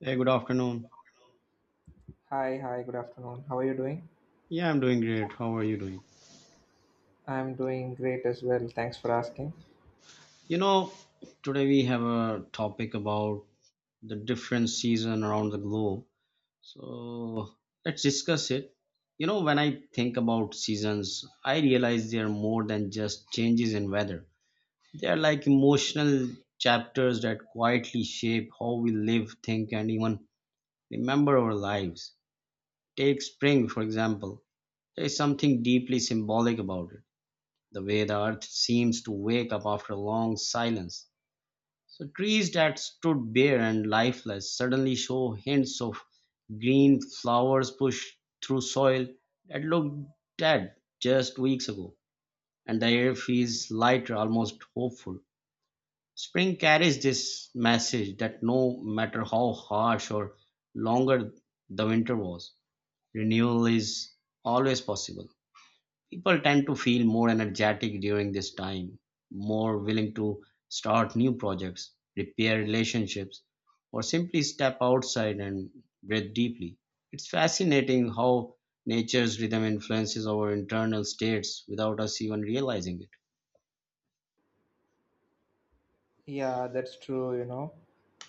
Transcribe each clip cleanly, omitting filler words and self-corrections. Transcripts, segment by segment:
Hey, good afternoon. Hi, good afternoon. How are you doing? Yeah, I'm doing great. How are you doing? I'm doing great as well. Thanks for asking. You know, today we have a topic about the different season around the globe. So let's discuss it. When I think about seasons, I realize they are more than just changes in weather. They are like emotional chapters that quietly shape how we live, think, and even remember our lives. Take spring, for example. There is something deeply symbolic about it, the way the earth seems to wake up after a long silence. So, trees that stood bare and lifeless suddenly show hints of green, flowers push through soil that looked dead just weeks ago, and the air feels lighter, almost hopeful. Spring carries this message that no matter how harsh or longer the winter was, renewal is always possible. People tend to feel more energetic during this time, more willing to start new projects, repair relationships, or simply step outside and breathe deeply. It's fascinating how nature's rhythm influences our internal states without us even realizing it. Yeah, that's true,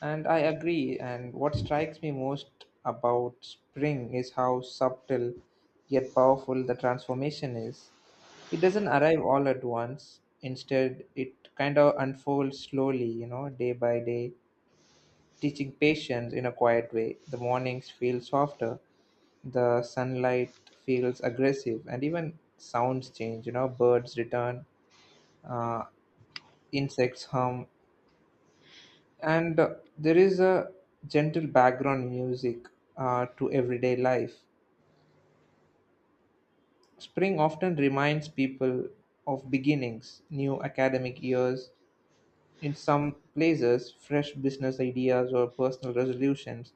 And I agree. And what strikes me most about spring is how subtle yet powerful the transformation is. It doesn't arrive all at once. Instead, it kind of unfolds slowly, day by day, teaching patience in a quiet way. The mornings feel softer, the sunlight feels aggressive, and even sounds change. Birds return, uh, insects hum, and there is a gentle background music to everyday life. Spring often reminds people of beginnings, new academic years in some places, fresh business ideas or personal resolutions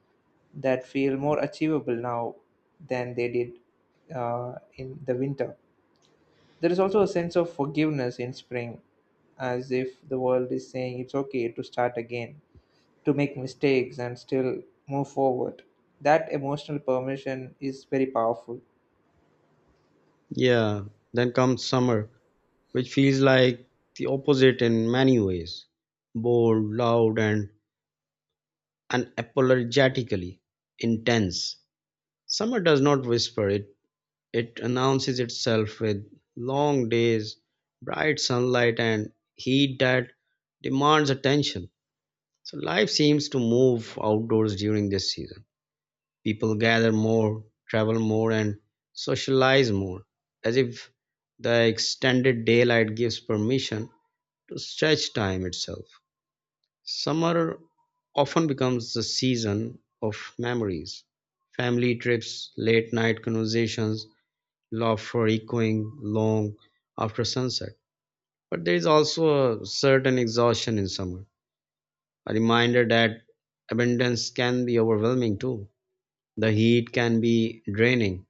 that feel more achievable now than they did in the winter. There is also a sense of forgiveness in spring, as if the world is saying it's okay to start again, to make mistakes and still move forward. That emotional permission is very powerful. Yeah, then comes summer, which feels like the opposite in many ways: bold, loud, and unapologetically intense. Summer does not whisper, it announces itself with long days, bright sunlight, and heat that demands attention. So life seems to move outdoors during this season. People gather more, travel more, and socialize more, as if the extended daylight gives permission to stretch time itself. Summer often becomes the season of memories, family trips, late night conversations, love for echoing long after sunset. But there is also a certain exhaustion in summer, a reminder that abundance can be overwhelming too. The heat can be draining,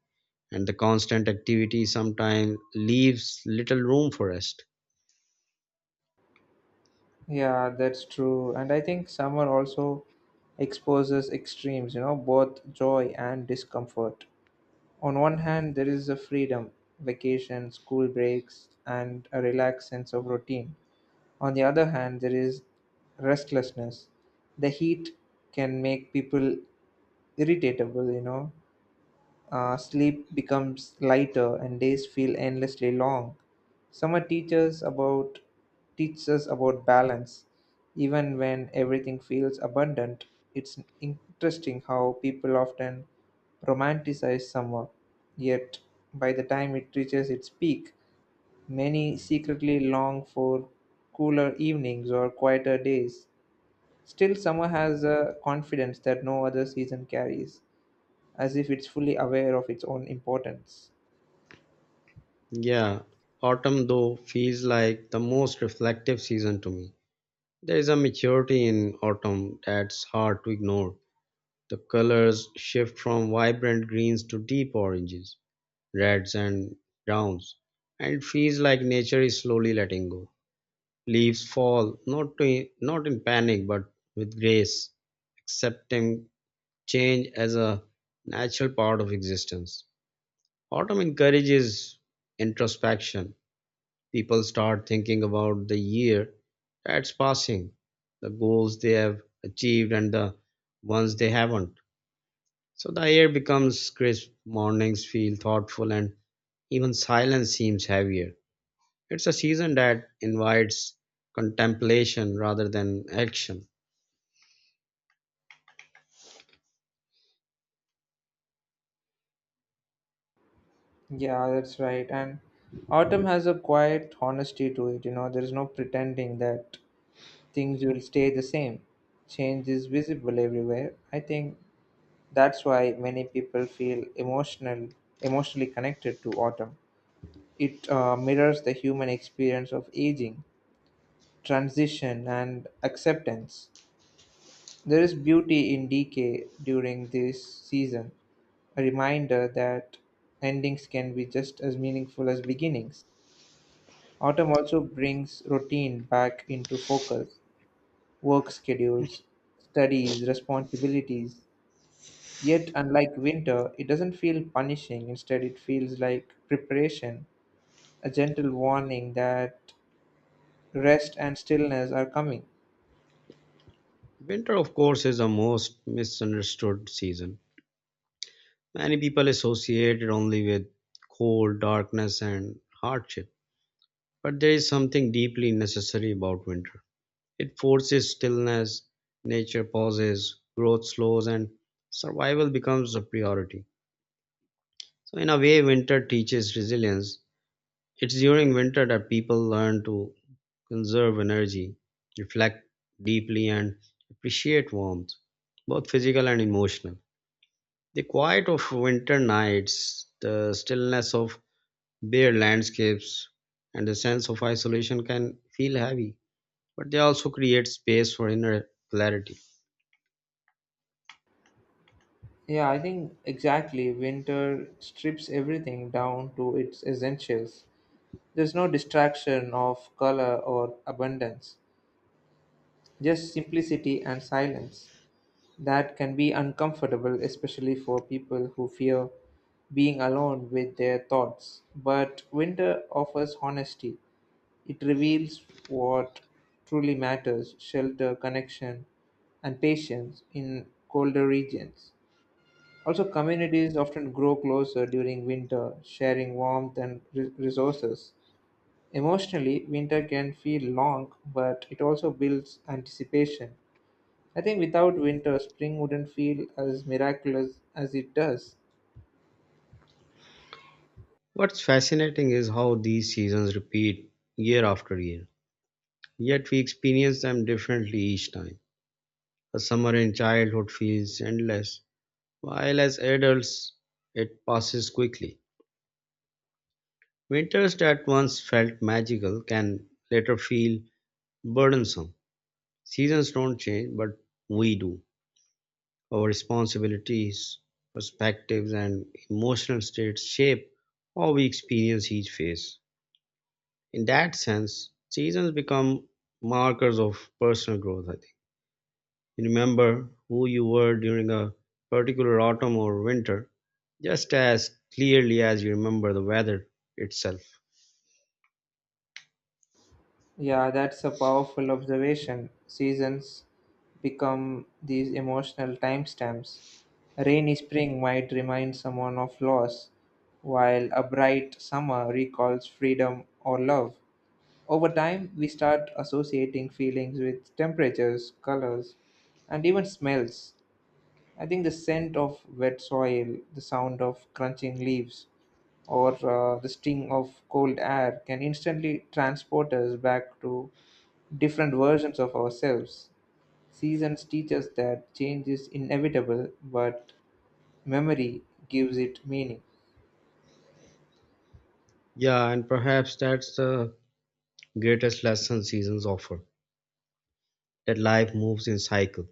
and the constant activity sometimes leaves little room for rest. Yeah, that's true. And I think summer also exposes extremes, both joy and discomfort. On one hand, there is a freedom, vacation, school breaks, and a relaxed sense of routine. On the other hand, there is restlessness. The heat can make people irritable, Sleep becomes lighter and days feel endlessly long. Summer teaches about teaches us about balance. Even when everything feels abundant, it's interesting how people often romanticize summer. Yet by the time it reaches its peak, many secretly long for cooler evenings or quieter days. Still, summer has a confidence that no other season carries, as if it's fully aware of its own importance. Yeah, autumn though feels like the most reflective season to me. There is a maturity in autumn that's hard to ignore. The colors shift from vibrant greens to deep oranges, reds, and browns, and it feels like nature is slowly letting go. Leaves fall, not in panic, but with grace, accepting change as a natural part of existence. Autumn encourages introspection. People start thinking about the year that's passing, the goals they have achieved, and the ones they haven't. So the air becomes crisp, mornings feel thoughtful, and even silence seems heavier. It's a season that invites contemplation rather than action. Yeah, that's right. And autumn has a quiet honesty to it, there's no pretending that things will stay the same. Change is visible everywhere. I think that's why many people feel emotionally connected to autumn. It mirrors the human experience of aging, transition, and acceptance. There is beauty in decay during this season, a reminder that endings can be just as meaningful as beginnings. Autumn also brings routine back into focus, work schedules, studies, responsibilities. Yet, unlike winter, it doesn't feel punishing. Instead, it feels like preparation, a gentle warning that rest and stillness are coming. Winter, of course, is a most misunderstood season. Many people associate it only with cold, darkness, and hardship. But there is something deeply necessary about winter. It forces stillness, nature pauses, growth slows, and survival becomes a priority. So, in a way, winter teaches resilience. It's during winter that people learn to conserve energy, reflect deeply, and appreciate warmth, both physical and emotional. The quiet of winter nights, the stillness of bare landscapes, and the sense of isolation can feel heavy, but they also create space for inner clarity. Yeah, I think exactly. Winter strips everything down to its essentials. There's no distraction of color or abundance, just simplicity and silence. That can be uncomfortable, especially for people who fear being alone with their thoughts. But winter offers honesty, it reveals what truly matters, shelter, connection, and patience in colder regions. Also, communities often grow closer during winter, sharing warmth and resources. Emotionally, winter can feel long, but it also builds anticipation. I think without winter, spring wouldn't feel as miraculous as it does. What's fascinating is how these seasons repeat year after year, yet we experience them differently each time. A summer in childhood feels endless, while as adults it passes quickly. Winters that once felt magical can later feel burdensome. Seasons don't change, but we do. Our responsibilities, perspectives, and emotional states shape how we experience each phase. In that sense, seasons become markers of personal growth, I think. You remember who you were during a particular autumn or winter, just as clearly as you remember the weather itself. Yeah, that's a powerful observation. Seasons become these emotional timestamps. A rainy spring might remind someone of loss, while a bright summer recalls freedom or love. Over time, we start associating feelings with temperatures, colors, and even smells. I think the scent of wet soil, the sound of crunching leaves, or the sting of cold air can instantly transport us back to different versions of ourselves. Seasons teach us that change is inevitable, but memory gives it meaning. Yeah, and perhaps that's the greatest lesson seasons offer, that life moves in cycle.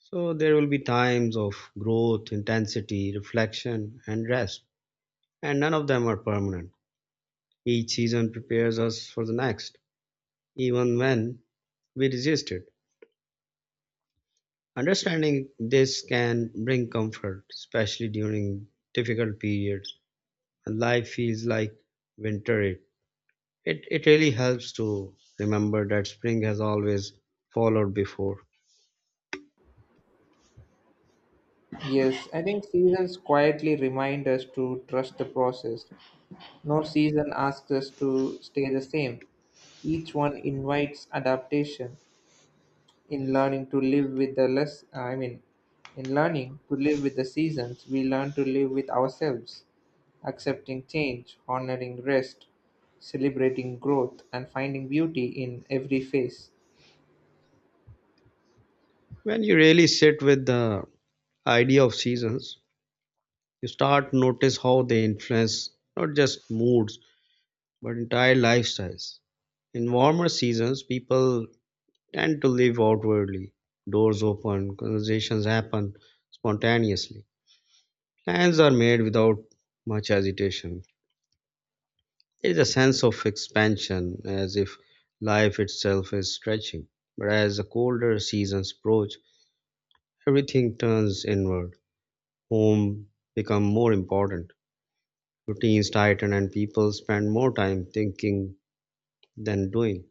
So there will be times of growth, intensity, reflection, and rest, and none of them are permanent. Each season prepares us for the next, even when we resist it. Understanding this can bring comfort, especially during difficult periods when life feels like winter. It really helps to remember that spring has always followed before. Yes, I think seasons quietly remind us to trust the process. No season asks us to stay the same. Each one invites adaptation in learning to live with the less I mean in learning to live with the seasons, we learn to live with ourselves, accepting change, honoring rest, celebrating growth, and finding beauty in every phase. When you really sit with the idea of seasons, you start notice how they influence not just moods but entire lifestyles. In warmer seasons, people tend to live outwardly. Doors open, conversations happen spontaneously, plans are made without much agitation. There is a sense of expansion, as if life itself is stretching. But as the colder seasons approach, everything turns inward. Home become more important. Routines tighten and people spend more time thinking than doing.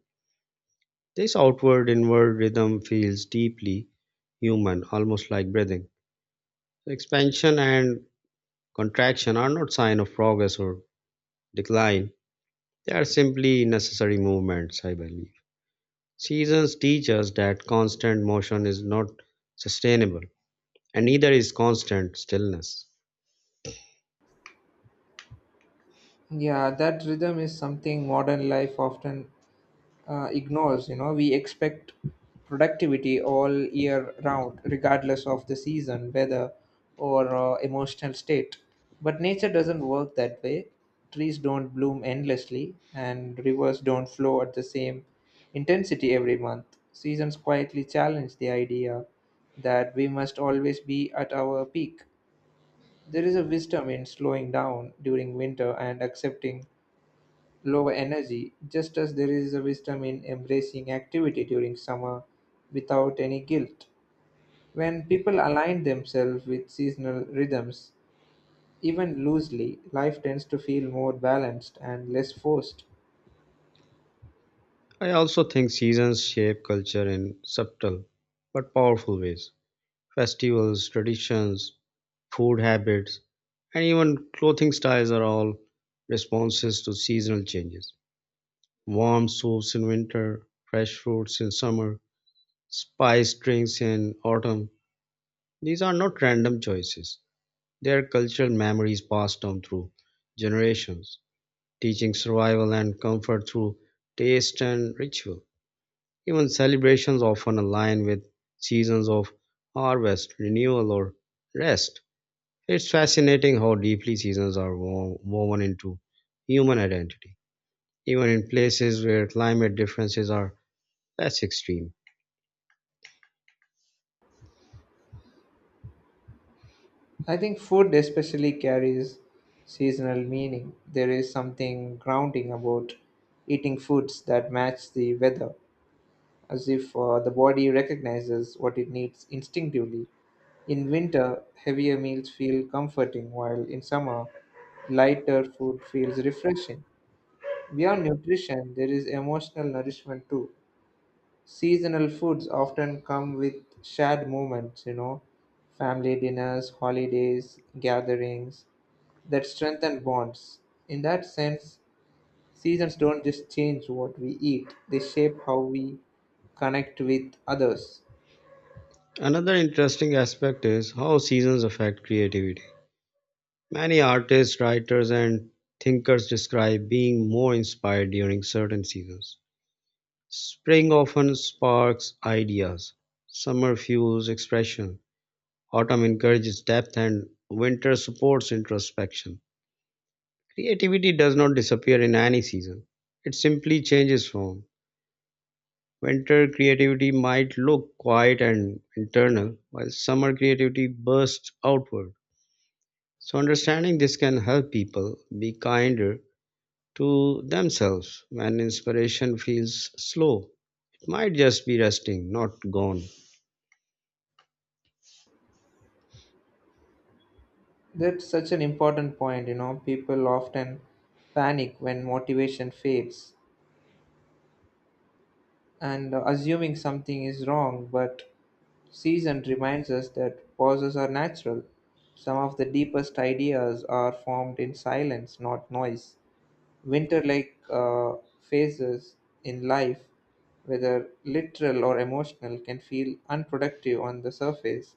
This outward inward rhythm feels deeply human, almost like breathing. So expansion and contraction are not sign of progress or decline. They are simply necessary movements, I believe. Seasons teach us that constant motion is not sustainable, and neither is constant stillness. Yeah, that rhythm is something modern life often ignores. We expect productivity all year round, regardless of the season, weather, or emotional state. But nature doesn't work that way. Trees don't bloom endlessly and rivers don't flow at the same intensity every month. Seasons quietly challenge the idea that we must always be at our peak. There is a wisdom in slowing down during winter and accepting lower energy, just as there is a wisdom in embracing activity during summer without any guilt. When people align themselves with seasonal rhythms, even loosely, life tends to feel more balanced and less forced. I also think seasons shape culture in subtle but powerful ways. Festivals, traditions, food habits, and even clothing styles are all responses to seasonal changes. Warm soups in winter, fresh fruits in summer, spiced drinks in autumn. These are not random choices. They are cultural memories passed down through generations, teaching survival and comfort through taste and ritual. Even celebrations often align with seasons of harvest, renewal, or rest. It's fascinating how deeply seasons are woven into human identity, even in places where climate differences are less extreme. I think food especially carries seasonal meaning. There is something grounding about eating foods that match the weather, as if the body recognizes what it needs instinctively. In winter, heavier meals feel comforting, while in summer, lighter food feels refreshing. Beyond nutrition, there is emotional nourishment too. Seasonal foods often come with shared moments, family dinners, holidays, gatherings that strengthen bonds. In that sense, seasons don't just change what we eat, they shape how we connect with others. Another interesting aspect is how seasons affect creativity. Many artists, writers, and thinkers describe being more inspired during certain seasons. Spring often sparks ideas, summer fuels expression, autumn encourages depth, and winter supports introspection. Creativity does not disappear in any season, it simply changes form. Winter creativity might look quiet and internal, while summer creativity bursts outward. So, understanding this can help people be kinder to themselves. When inspiration feels slow, it might just be resting, not gone. That's such an important point, People often panic when motivation fades and assuming something is wrong, but season reminds us that pauses are natural. Some of the deepest ideas are formed in silence, not noise. Winter like phases in life, whether literal or emotional, can feel unproductive on the surface,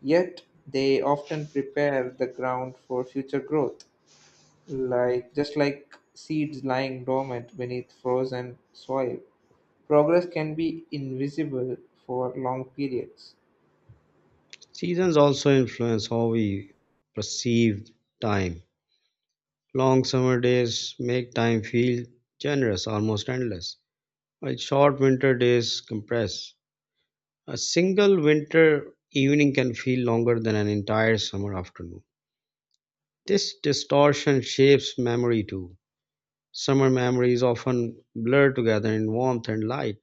yet they often prepare the ground for future growth. Like just like seeds lying dormant beneath frozen soil, progress can be invisible for long periods. Seasons also influence how we perceive time. Long summer days make time feel generous, almost endless, while short winter days compress. A single winter evening can feel longer than an entire summer afternoon. This distortion shapes memory too. Summer memories often blur together in warmth and light,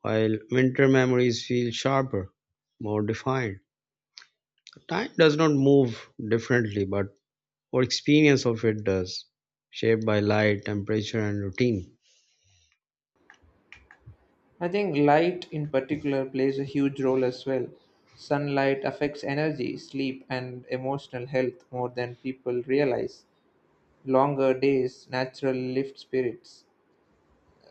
while winter memories feel sharper, more defined. Time does not move differently, but our experience of it does, shaped by light, temperature, and routine. I think light in particular plays a huge role as well. Sunlight affects energy, sleep, and emotional health more than people realize. Longer days naturally lift spirits,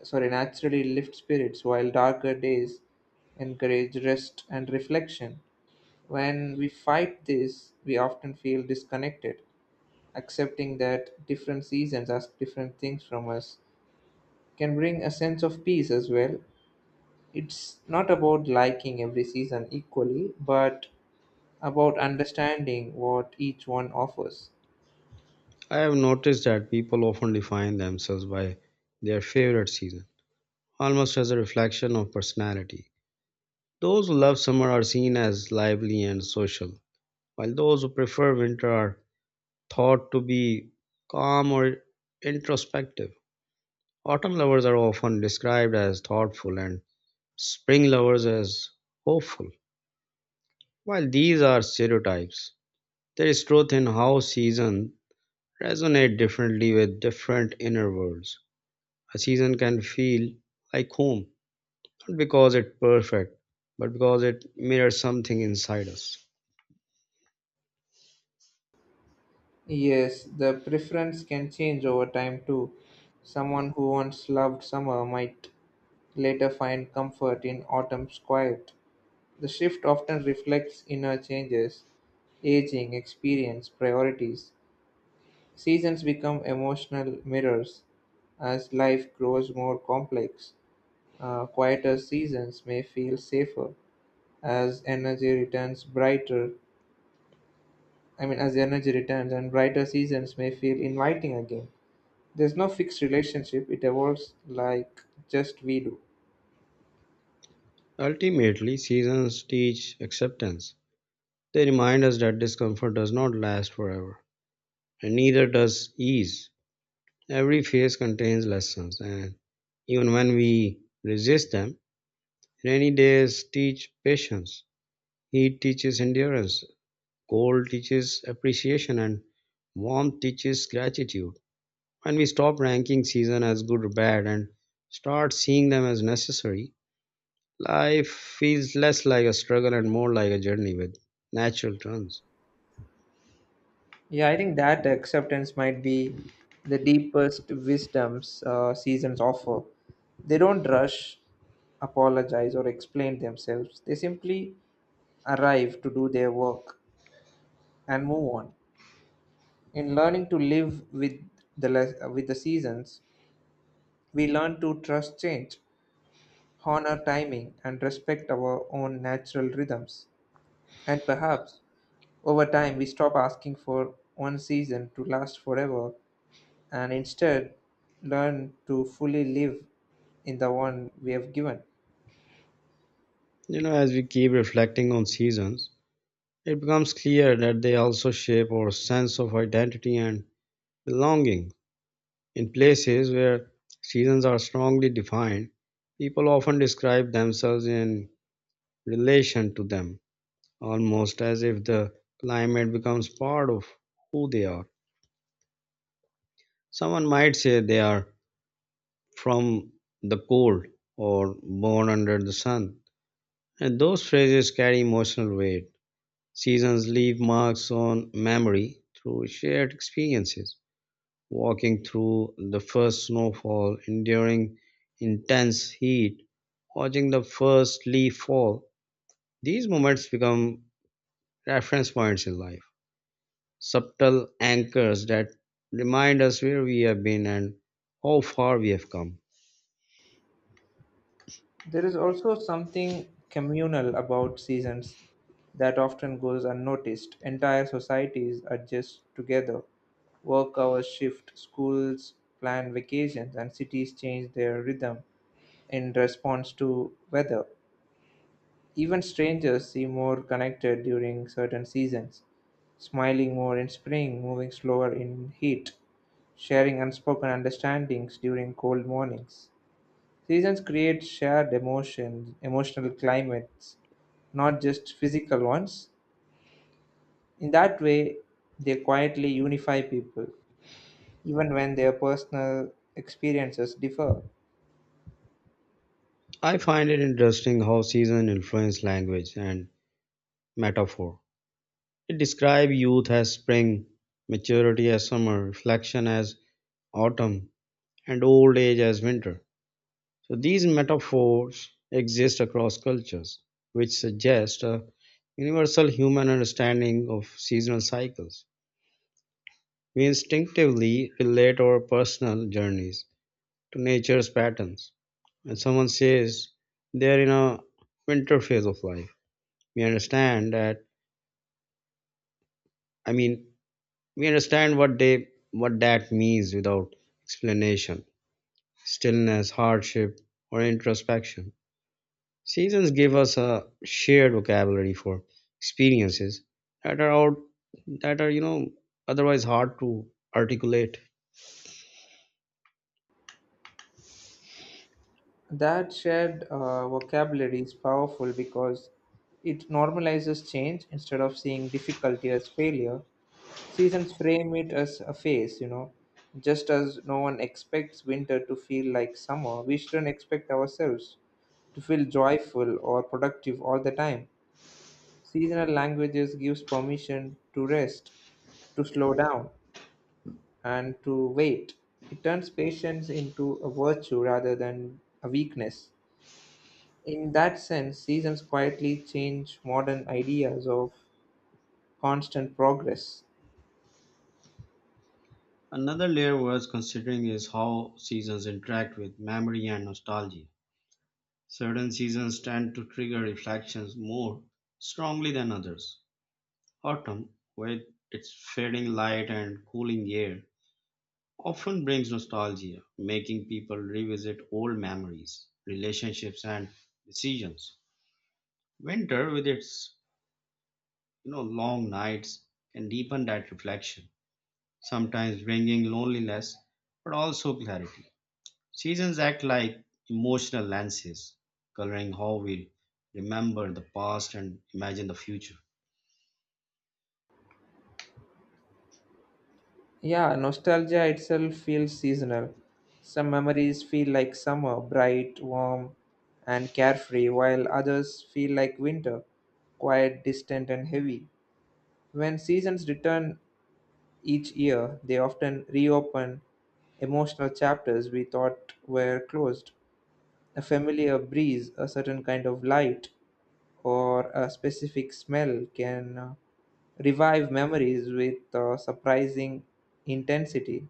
sorry naturally lift spirits, while darker days encourage rest and reflection. When we fight this, we often feel disconnected. Accepting that different seasons ask different things from us can bring a sense of peace as well. It's not about liking every season equally, but about understanding what each one offers. I have noticed that people often define themselves by their favorite season, almost as a reflection of personality. Those who love summer are seen as lively and social, while those who prefer winter are thought to be calm or introspective. Autumn lovers are often described as thoughtful, and spring lovers as hopeful. While these are stereotypes, there is truth in how seasons resonate differently with different inner worlds. A season can feel like home, not because it's perfect, but because it mirrors something inside us. Yes, the preference can change over time too. Someone who once loved summer might later find comfort in autumn's quiet. The shift often reflects inner changes, aging, experience, priorities. Seasons become emotional mirrors as life grows more complex. Quieter seasons may feel safer as energy returns as energy returns, and brighter seasons may feel inviting again. There's no fixed relationship, it evolves like just we do. Ultimately, seasons teach acceptance. They remind us that discomfort does not last forever, and neither does ease. Every phase contains lessons, and even when we resist them, rainy days teach patience, heat teaches endurance, cold teaches appreciation, and warmth teaches gratitude. When we stop ranking season as good or bad and start seeing them as necessary, life feels less like a struggle and more like a journey with natural turns. Yeah, I think that acceptance might be the deepest wisdoms seasons offer. They don't rush, apologize, or explain themselves. They simply arrive to do their work and move on. In learning to live with with the seasons, we learn to trust change, honor timing, and respect our own natural rhythms. And perhaps over time, we stop asking for one season to last forever, and instead learn to fully live in the one we have given. You know, as we keep reflecting on seasons, it becomes clear that they also shape our sense of identity and belonging. In places where seasons are strongly defined, people often describe themselves in relation to them, almost as if the climate becomes part of who they are. Someone might say they are from the cold or born under the sun, and those phrases carry emotional weight. Seasons leave marks on memory through shared experiences: walking through the first snowfall, enduring intense heat, watching the first leaf fall. These moments become reference points in life, subtle anchors that remind us where we have been and how far we have come. There is also something communal about seasons that often goes unnoticed. Entire societies adjust together. Work hours shift, schools plan vacations, and cities change their rhythm in response to weather. Even strangers seem more connected during certain seasons, smiling more in spring, moving slower in heat, sharing unspoken understandings during cold mornings. Seasons create shared emotions, emotional climates, not just physical ones. In that way, they quietly unify people, even when their personal experiences differ. I find it interesting how season influence language and metaphor. It describes youth as spring, maturity as summer, reflection as autumn, and old age as winter. So these metaphors exist across cultures, which suggest a universal human understanding of seasonal cycles. We instinctively relate our personal journeys to nature's patterns. When someone says they are in a winter phase of life, we understand that. I mean, we understand what that means without explanation. Stillness, hardship, or introspection. Seasons give us a shared vocabulary for experiences that are out that are, otherwise hard to articulate. That shared vocabulary is powerful because it normalizes change instead of seeing difficulty as failure. Seasons frame it as a phase, Just as no one expects winter to feel like summer, we shouldn't expect ourselves to feel joyful or productive all the time. Seasonal languages gives permission to rest, to slow down, and to wait. It turns patience into a virtue rather than a weakness. In that sense, seasons quietly change modern ideas of constant progress. Another layer worth considering is how seasons interact with memory and nostalgia. Certain seasons tend to trigger reflections more strongly than others. Autumn, with its fading light and cooling air, often brings nostalgia, making people revisit old memories, relationships, and decisions. Winter, with its long nights, can deepen that reflection, sometimes bringing loneliness, but also clarity. Seasons act like emotional lenses, coloring how we remember the past and imagine the future. Yeah, nostalgia itself feels seasonal. Some memories feel like summer, bright, warm, and carefree, while others feel like winter, quiet, distant, and heavy. When seasons return each year, they often reopen emotional chapters we thought were closed. A familiar breeze, a certain kind of light, or a specific smell can revive memories with surprising intensity.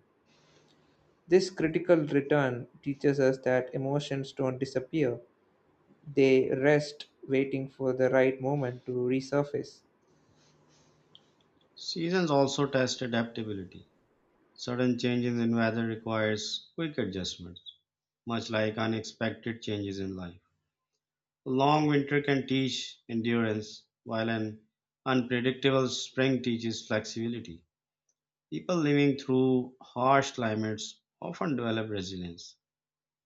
This critical return teaches us that emotions don't disappear, they rest, waiting for the right moment to resurface. Seasons also test adaptability. Sudden changes in weather requires quick adjustments, much like unexpected changes in life. A long winter can teach endurance, while an unpredictable spring teaches flexibility. People living through harsh climates often develop resilience,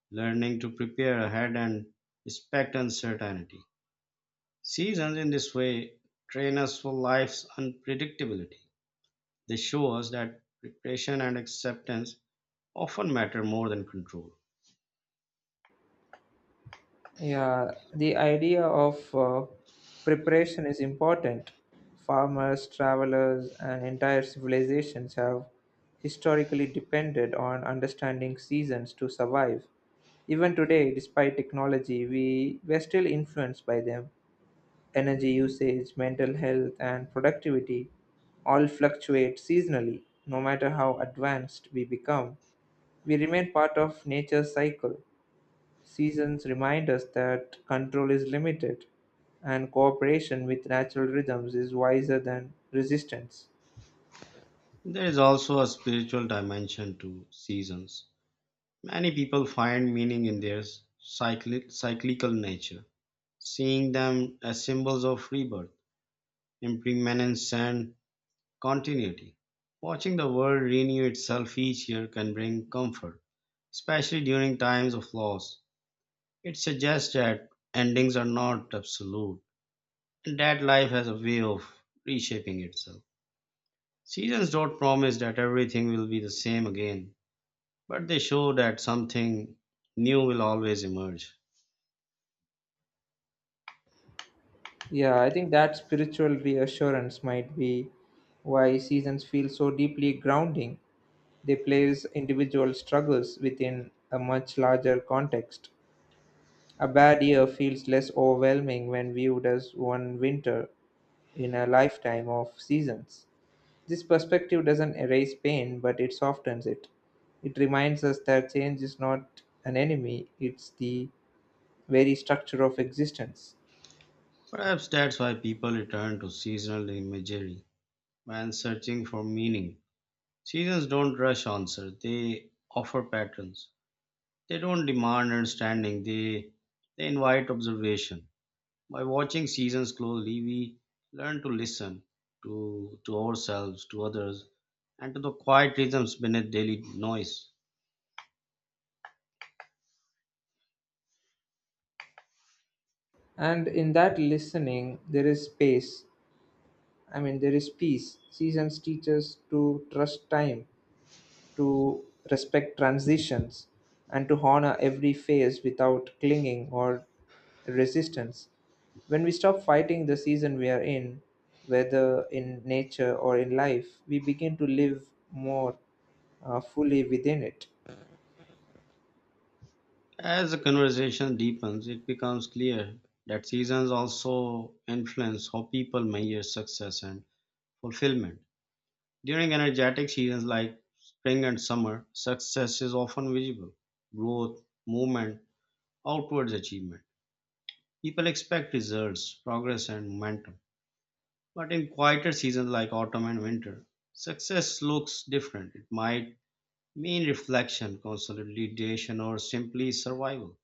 learning to prepare ahead and respect uncertainty. Seasons in this way train us for life's unpredictability. They show us that preparation and acceptance often matter more than control. Yeah, the idea of preparation is important. Farmers, travelers, and entire civilizations have historically depended on understanding seasons to survive. Even today, despite technology, we're still influenced by them. Energy usage, mental health, and productivity all fluctuate seasonally, no matter how advanced we become. We remain part of nature's cycle. Seasons remind us that control is limited and cooperation with natural rhythms is wiser than resistance. There is also a spiritual dimension to seasons. Many people find meaning in their cyclical nature, seeing them as symbols of rebirth, impermanence, and continuity. Watching the world renew itself each year can bring comfort, especially during times of loss. It suggests that endings are not absolute and that life has a way of reshaping itself. Seasons don't promise that everything will be the same again, but they show that something new will always emerge. Yeah, I think that spiritual reassurance might be why seasons feel so deeply grounding. They place individual struggles within a much larger context. A bad year feels less overwhelming when viewed as one winter in a lifetime of seasons. This perspective doesn't erase pain, but it softens it. It reminds us that change is not an enemy, it's the very structure of existence. Perhaps that's why people return to seasonal imagery when searching for meaning. Seasons don't rush answers, they offer patterns. They don't demand understanding, they invite observation. By watching seasons closely, we learn to listen to ourselves, to others, and to the quiet rhythms beneath daily noise. And in that listening, there is space. I mean, there is peace. Seasons teach us to trust time, to respect transitions, and to honor every phase without clinging or resistance. When we stop fighting the season we are in, whether in nature or in life, we begin to live more fully within it. As the conversation deepens, it becomes clear that seasons also influence how people measure success and fulfillment. During energetic seasons like spring and summer, success is often visible. Growth, movement, outwards achievement. People expect results, progress, and momentum. But in quieter seasons like autumn and winter, success looks different. It might mean reflection, consolidation, or simply survival.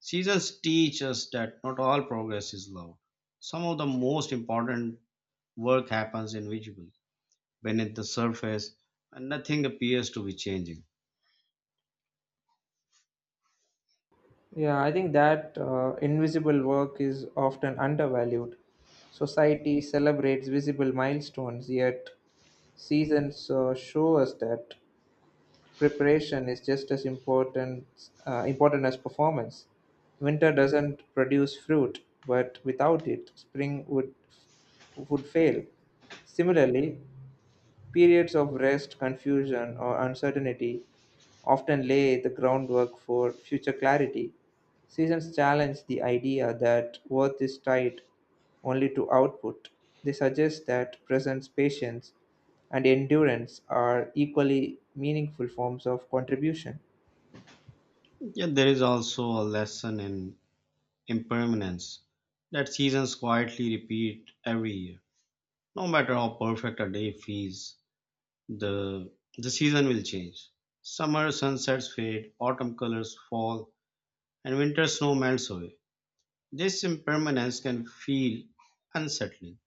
Seasons teach us that not all progress is loud. Some of the most important work happens invisible, beneath the surface, and nothing appears to be changing. Yeah, I think that invisible work is often undervalued. Society celebrates visible milestones, yet seasons show us that preparation is just as important as performance. Winter doesn't produce fruit, but without it, spring would fail. Similarly, periods of rest, confusion, or uncertainty often lay the groundwork for future clarity. Seasons challenge the idea that worth is tied only to output. They suggest that presence, patience, and endurance are equally meaningful forms of contribution. Yeah, there is also a lesson in impermanence that seasons quietly repeat every year. No matter how perfect a day feels, the the season will change. Summer sunsets fade, autumn colors fall, and winter snow melts away. This impermanence can feel unsettling,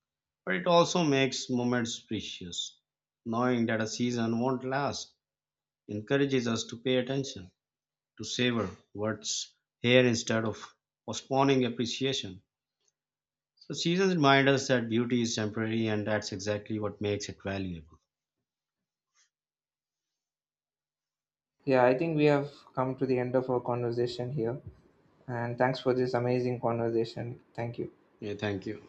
but it also makes moments precious. Knowing that a season won't last encourages us to pay attention, to savor what's here instead of postponing appreciation. So seasons remind us that beauty is temporary, and that's exactly what makes it valuable. Yeah, I think we have come to the end of our conversation here. And thanks for this amazing conversation. Thank you. Yeah, thank you.